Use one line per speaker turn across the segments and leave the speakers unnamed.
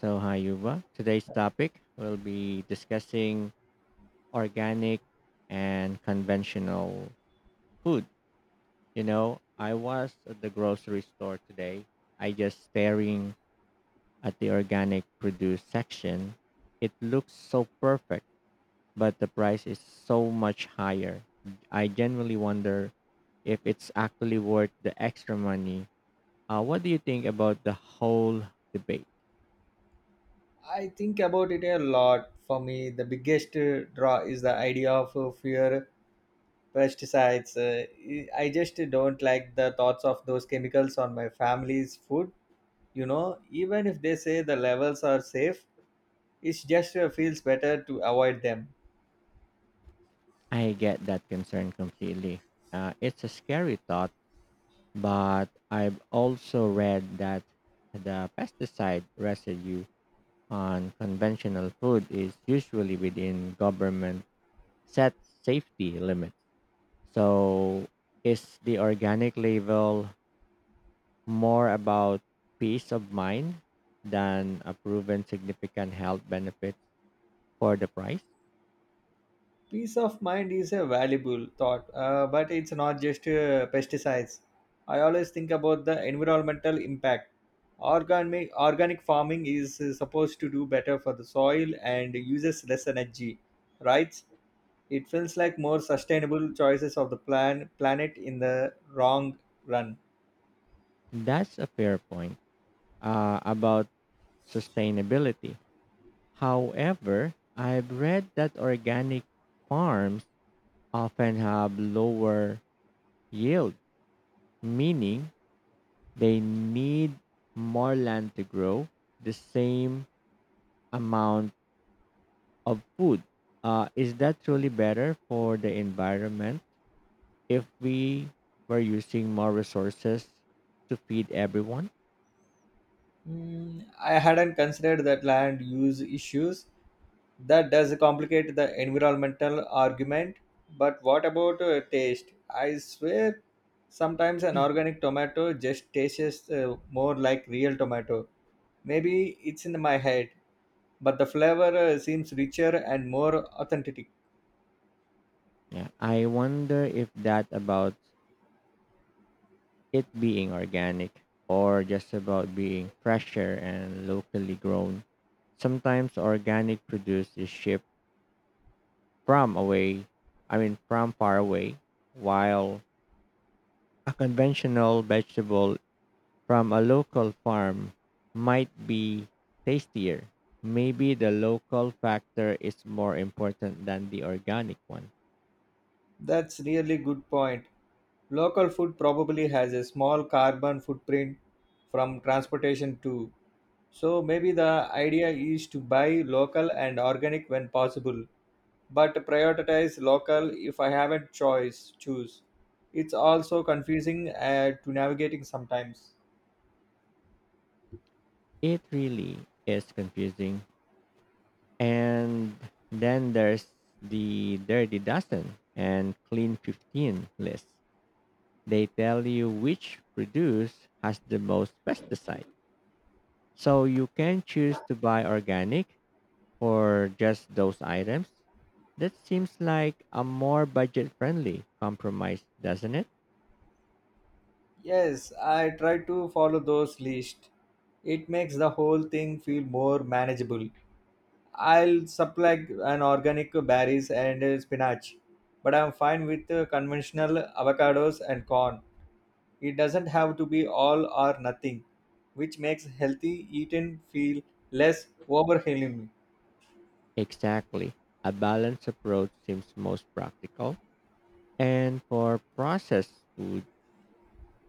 So, hi, Yuba. Today's topic will be discussing organic and conventional food. You know, I was at the grocery store today. I just staring at the organic produce section. It looks so perfect, but the price is so much higher. I genuinely wonder if it's actually worth the extra money. What do you think about the whole debate?
I think about it a lot. For me, the biggest draw is the idea of fear pesticides. I just don't like the thoughts of those chemicals on my family's food. Even if they say the levels are safe, it just feels better to avoid them.
I get that concern completely. It's a scary thought but I've also read that the pesticide residue on conventional food is usually within government set safety limits. So, is the organic label more about peace of mind than a proven significant health benefit for the price?
Peace of mind is a valuable thought but it's not just pesticides. I always think about the environmental impact. Organic farming is supposed to do better for the soil and uses less energy, right. It feels like more sustainable choices of the planet in the wrong run.
That's a fair point about sustainability. However, I've read that organic farms often have lower yield, meaning they need more land to grow the same amount of food. Is that truly better for the environment if we were using more resources to feed everyone?
Mm, I hadn't considered that land use issues. That does complicate the environmental argument. But what about taste? I swear, sometimes an organic tomato just tastes more like real tomato. Maybe it's in my head, but the flavor seems richer and more authentic.
Yeah, I wonder if that about it being organic or just about being fresher and locally grown. Sometimes organic produce is shipped from away, from far away, while a conventional vegetable from a local farm might be tastier. Maybe the local factor is more important than the organic one.
That's really good point. Local food probably has a small carbon footprint from transportation too. So maybe the idea is to buy local and organic when possible, but prioritize local if I haven't choice choose. It's also confusing to navigating sometimes.
It really is confusing. And then there's the dirty dozen and clean 15 list. They tell you which produce has the most pesticide. So you can choose to buy organic for just those items. That seems like a more budget friendly compromise, doesn't it?
Yes, I try to follow those list. It makes the whole thing feel more manageable. I'll supply an organic berries and spinach, but I'm fine with conventional avocados and corn. It doesn't have to be all or nothing, which makes healthy eating feel less overwhelming.
Exactly. A balanced approach seems most practical. And for processed food,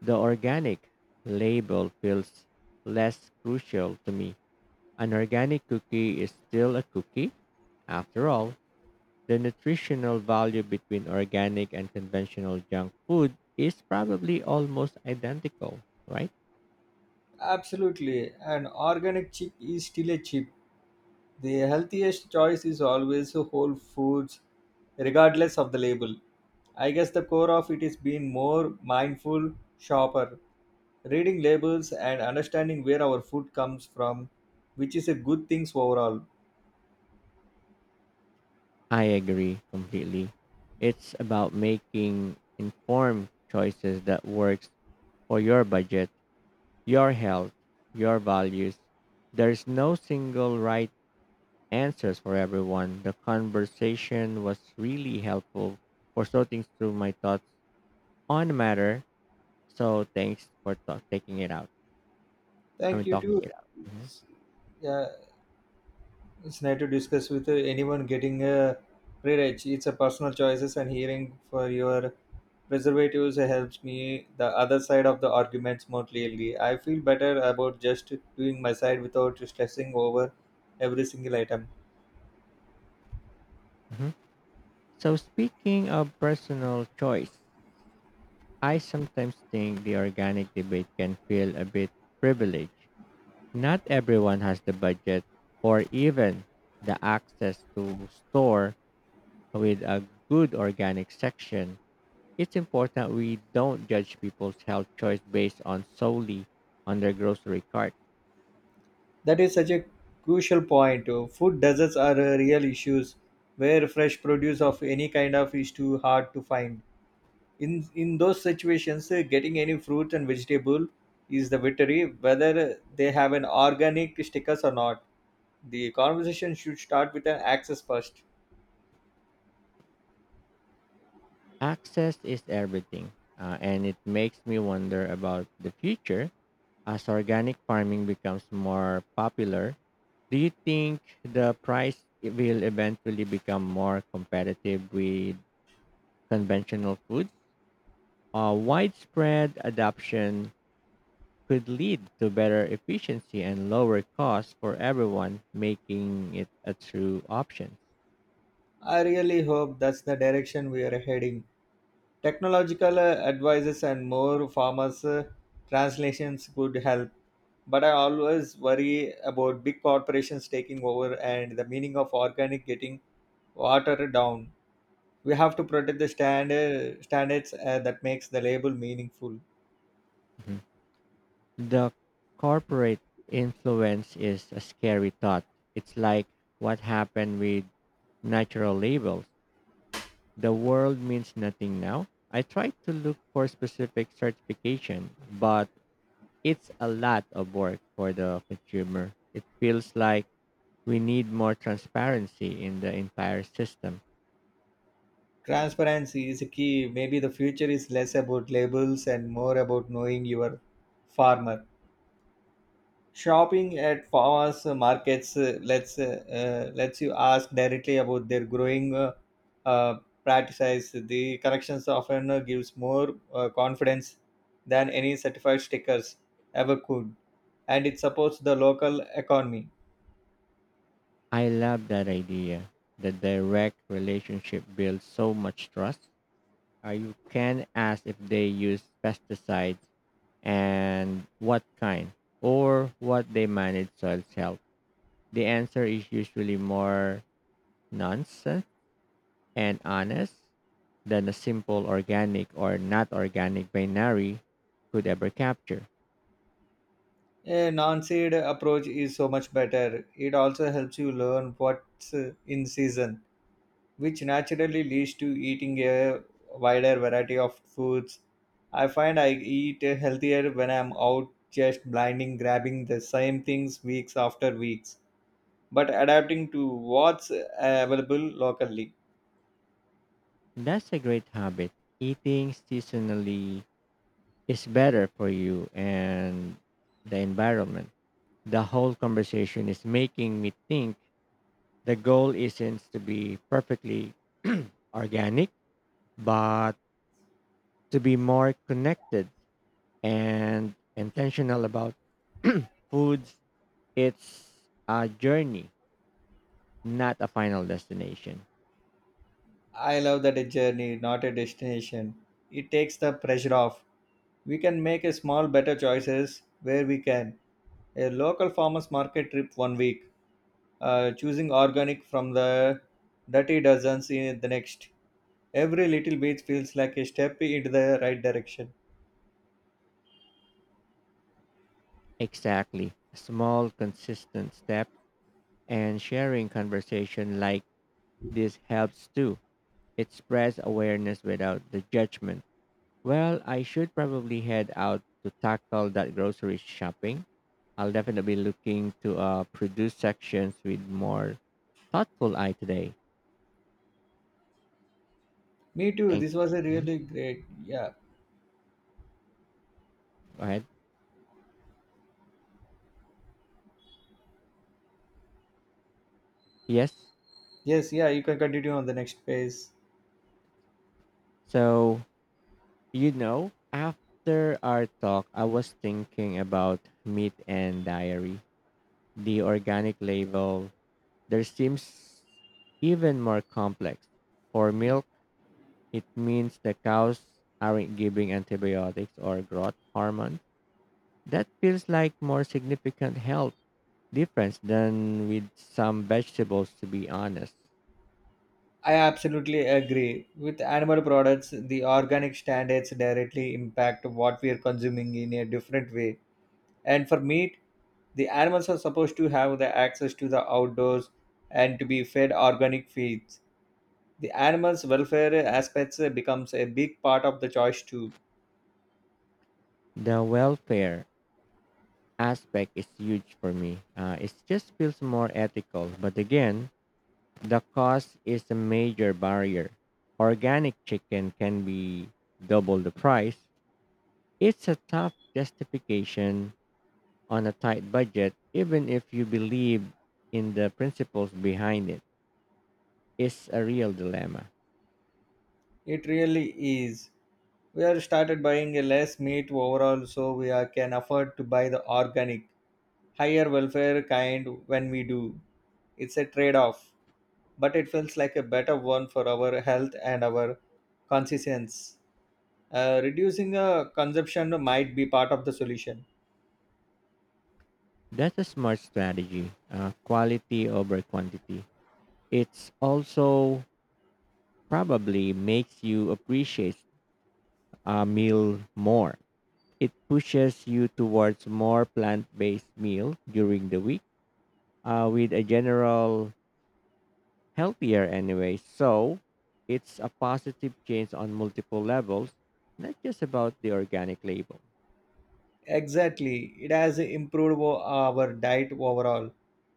the organic label feels less crucial to me. An organic cookie is still a cookie. After all, the nutritional value between organic and conventional junk food is probably almost identical, right?
Absolutely, an organic chip is still a chip. The healthiest choice is always whole foods, regardless of the label. I guess the core of it is being more mindful shopper, reading labels and understanding where our food comes from, which is a good things overall.
I agree completely. It's about making informed choices that works for your budget, your health, your values. There's no single right answers for everyone. The conversation was really helpful for sorting through my thoughts on the matter. So thanks for ta- taking it out. I
Thank
mean
you too.
talking it out. Mhm.
It's- yeah, it's nice to discuss with anyone getting a free edge. It's a personal choices and hearing for your preservatives helps me the other side of the arguments more clearly. I feel better about just doing my side without stressing over every single item.
Mhm. So speaking of personal choice, I sometimes think the organic debate can feel a bit privileged. Not everyone has the budget or even the access to store with a good organic section. It's important we don't judge people's health choice based on solely on their grocery cart.
That is such a crucial point. Food deserts are real issues where fresh produce of any kind of is too hard to find. In those situations getting any fruit and vegetable is the victory, whether they have an organic stickers or not. The conversation should start with an access first.
Access is everything, and it makes me wonder about the future as organic farming becomes more popular. Do you think the price will eventually become more competitive with conventional food? Widespread adoption could lead to better efficiency and lower costs for everyone, making it a true option.
I really hope that's the direction we are heading. Technological advices and more farmers translations could help, but I always worry about big corporations taking over and the meaning of organic getting watered down. We have to protect the standards that makes the label meaningful.
Mhm. The corporate influence is a scary thought. It's like what happened with natural labels. The world means nothing now. I tried to look for specific certification, but it's a lot of work for the consumer. It feels like we need more transparency in the entire system.
Transparency is a key. Maybe the future is less about labels and more about knowing your farmer, shopping at farmers markets. Lets you ask directly about their growing uh, practices. The corrections often gives more confidence than any certified stickers ever could, and it supports the local economy.
I love that idea. The direct relationship builds so much trust. You can ask if they use pesticides and what kind, or what they manage soil's health. The answer is usually more nonsense and honest than a simple organic or not organic binary could ever capture.
A non-seed approach is so much better. It also helps you learn what's in season, which naturally leads to eating a wider variety of foods. I find I eat healthier when I'm out just blinding grabbing the same things weeks after weeks, but adapting to what's available locally.
That's a great habit. Eating seasonally is better for you and the environment. The whole conversation is making me think the goal isn't to be perfectly organic, but to be more connected and intentional about foods. It's a journey, not a final destination.
I love that a journey, not a destination. It takes the pressure off. We can make a small better choices where we can a local farmers market trip one week, choosing organic from the dirty dozens in the next. Every little bit feels like a step into the right direction.
Exactly. Small, consistent steps and sharing conversation like this helps too. It spreads awareness without the judgment. Well, I should probably head out to tackle that grocery shopping. I'll definitely be looking to produce sections with more thoughtful eye today.
Me too.
Thanks.
This was a
Mhm.
really great. Yeah.
Go ahead. Yes.
Yes. Yeah. You can continue on the next page.
So, you know, after our talk, I was thinking about meat and diary. The organic label, there seems even more complex. For milk, it means the cows aren't giving antibiotics or growth hormone. That feels like more significant health difference than with some vegetables to be honest.
I absolutely agree. With animal products, the organic standards directly impact what we are consuming in a different way. And for meat, the animals are supposed to have the access to the outdoors and to be fed organic feeds. The animals welfare aspects becomes a big part of the choice too.
The welfare aspect is huge for me. It just feels more ethical, but again, the cost is a major barrier. Organic chicken can be double the price. It's a tough justification on a tight budget even if you believe in the principles behind it. It's a real dilemma.
It really is. We are started buying a less meat overall, so we are, can afford to buy the organic higher welfare kind when we do. It's a trade off, but it feels like a better one for our health and our conscience. Reducing consumption might be part of the solution.
That's a smart strategy, quality over quantity. It's also probably makes you appreciate a meal more. It pushes you towards more plant based meal during the week with a general healthier anyway. So it's a positive change on multiple levels, not just about the organic label.
Exactly. It has improved our diet overall.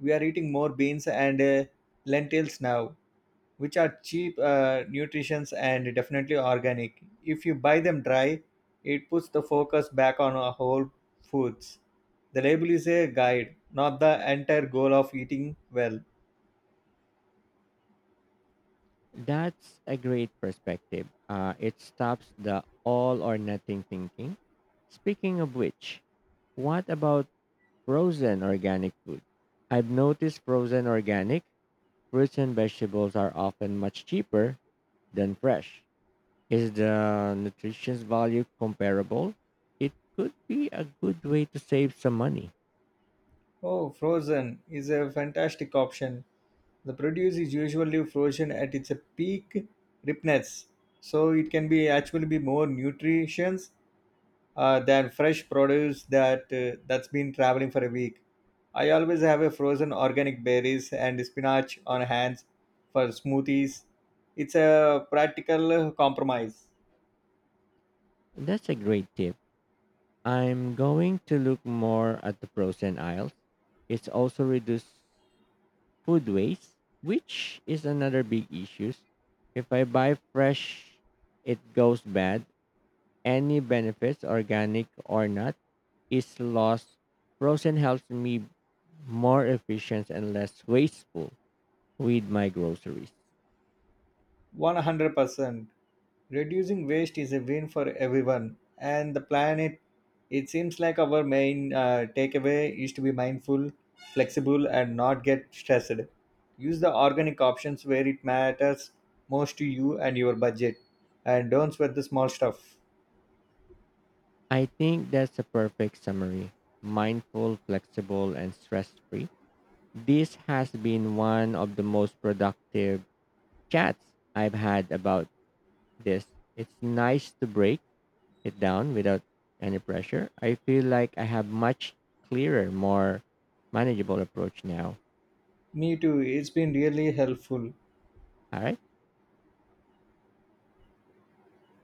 We are eating more beans and lentils now, which are cheap, nutritious, and definitely organic. If you buy them dry, it puts the focus back on our whole foods. The label is a guide, not the entire goal of eating well.
That's a great perspective. It stops the all or nothing thinking. Speaking of which, what about frozen organic food? I've noticed frozen organic fruits and vegetables are often much cheaper than fresh. Is the nutrition value comparable? It could be a good way to save some money.
Oh, frozen is a fantastic option. The produce is usually frozen at its peak ripeness, so it can be actually be more nutritious than fresh produce that's been traveling for a week. I always have a frozen organic berries and spinach on hands for smoothies. It's a practical compromise.
That's a great tip. I'm going to look more at the frozen aisles. It's also reduced food waste, which is another big issue. If I buy fresh, it goes bad. Any benefits, organic or not, is lost. Frozen helps me more efficient and less wasteful with my groceries.
100%. Reducing waste is a win for everyone and the planet. It seems like our main takeaway is to be mindful, flexible, and not get stressed. Use the organic options where it matters most to you and your budget, and don't sweat the small stuff.
I think that's a perfect summary. Mindful, flexible, and stress free. This has been one of the most productive chats I've had about this. It's nice to break it down without any pressure. I feel like I have much clearer, more manageable approach now.
Me too, it's been really helpful.
All right.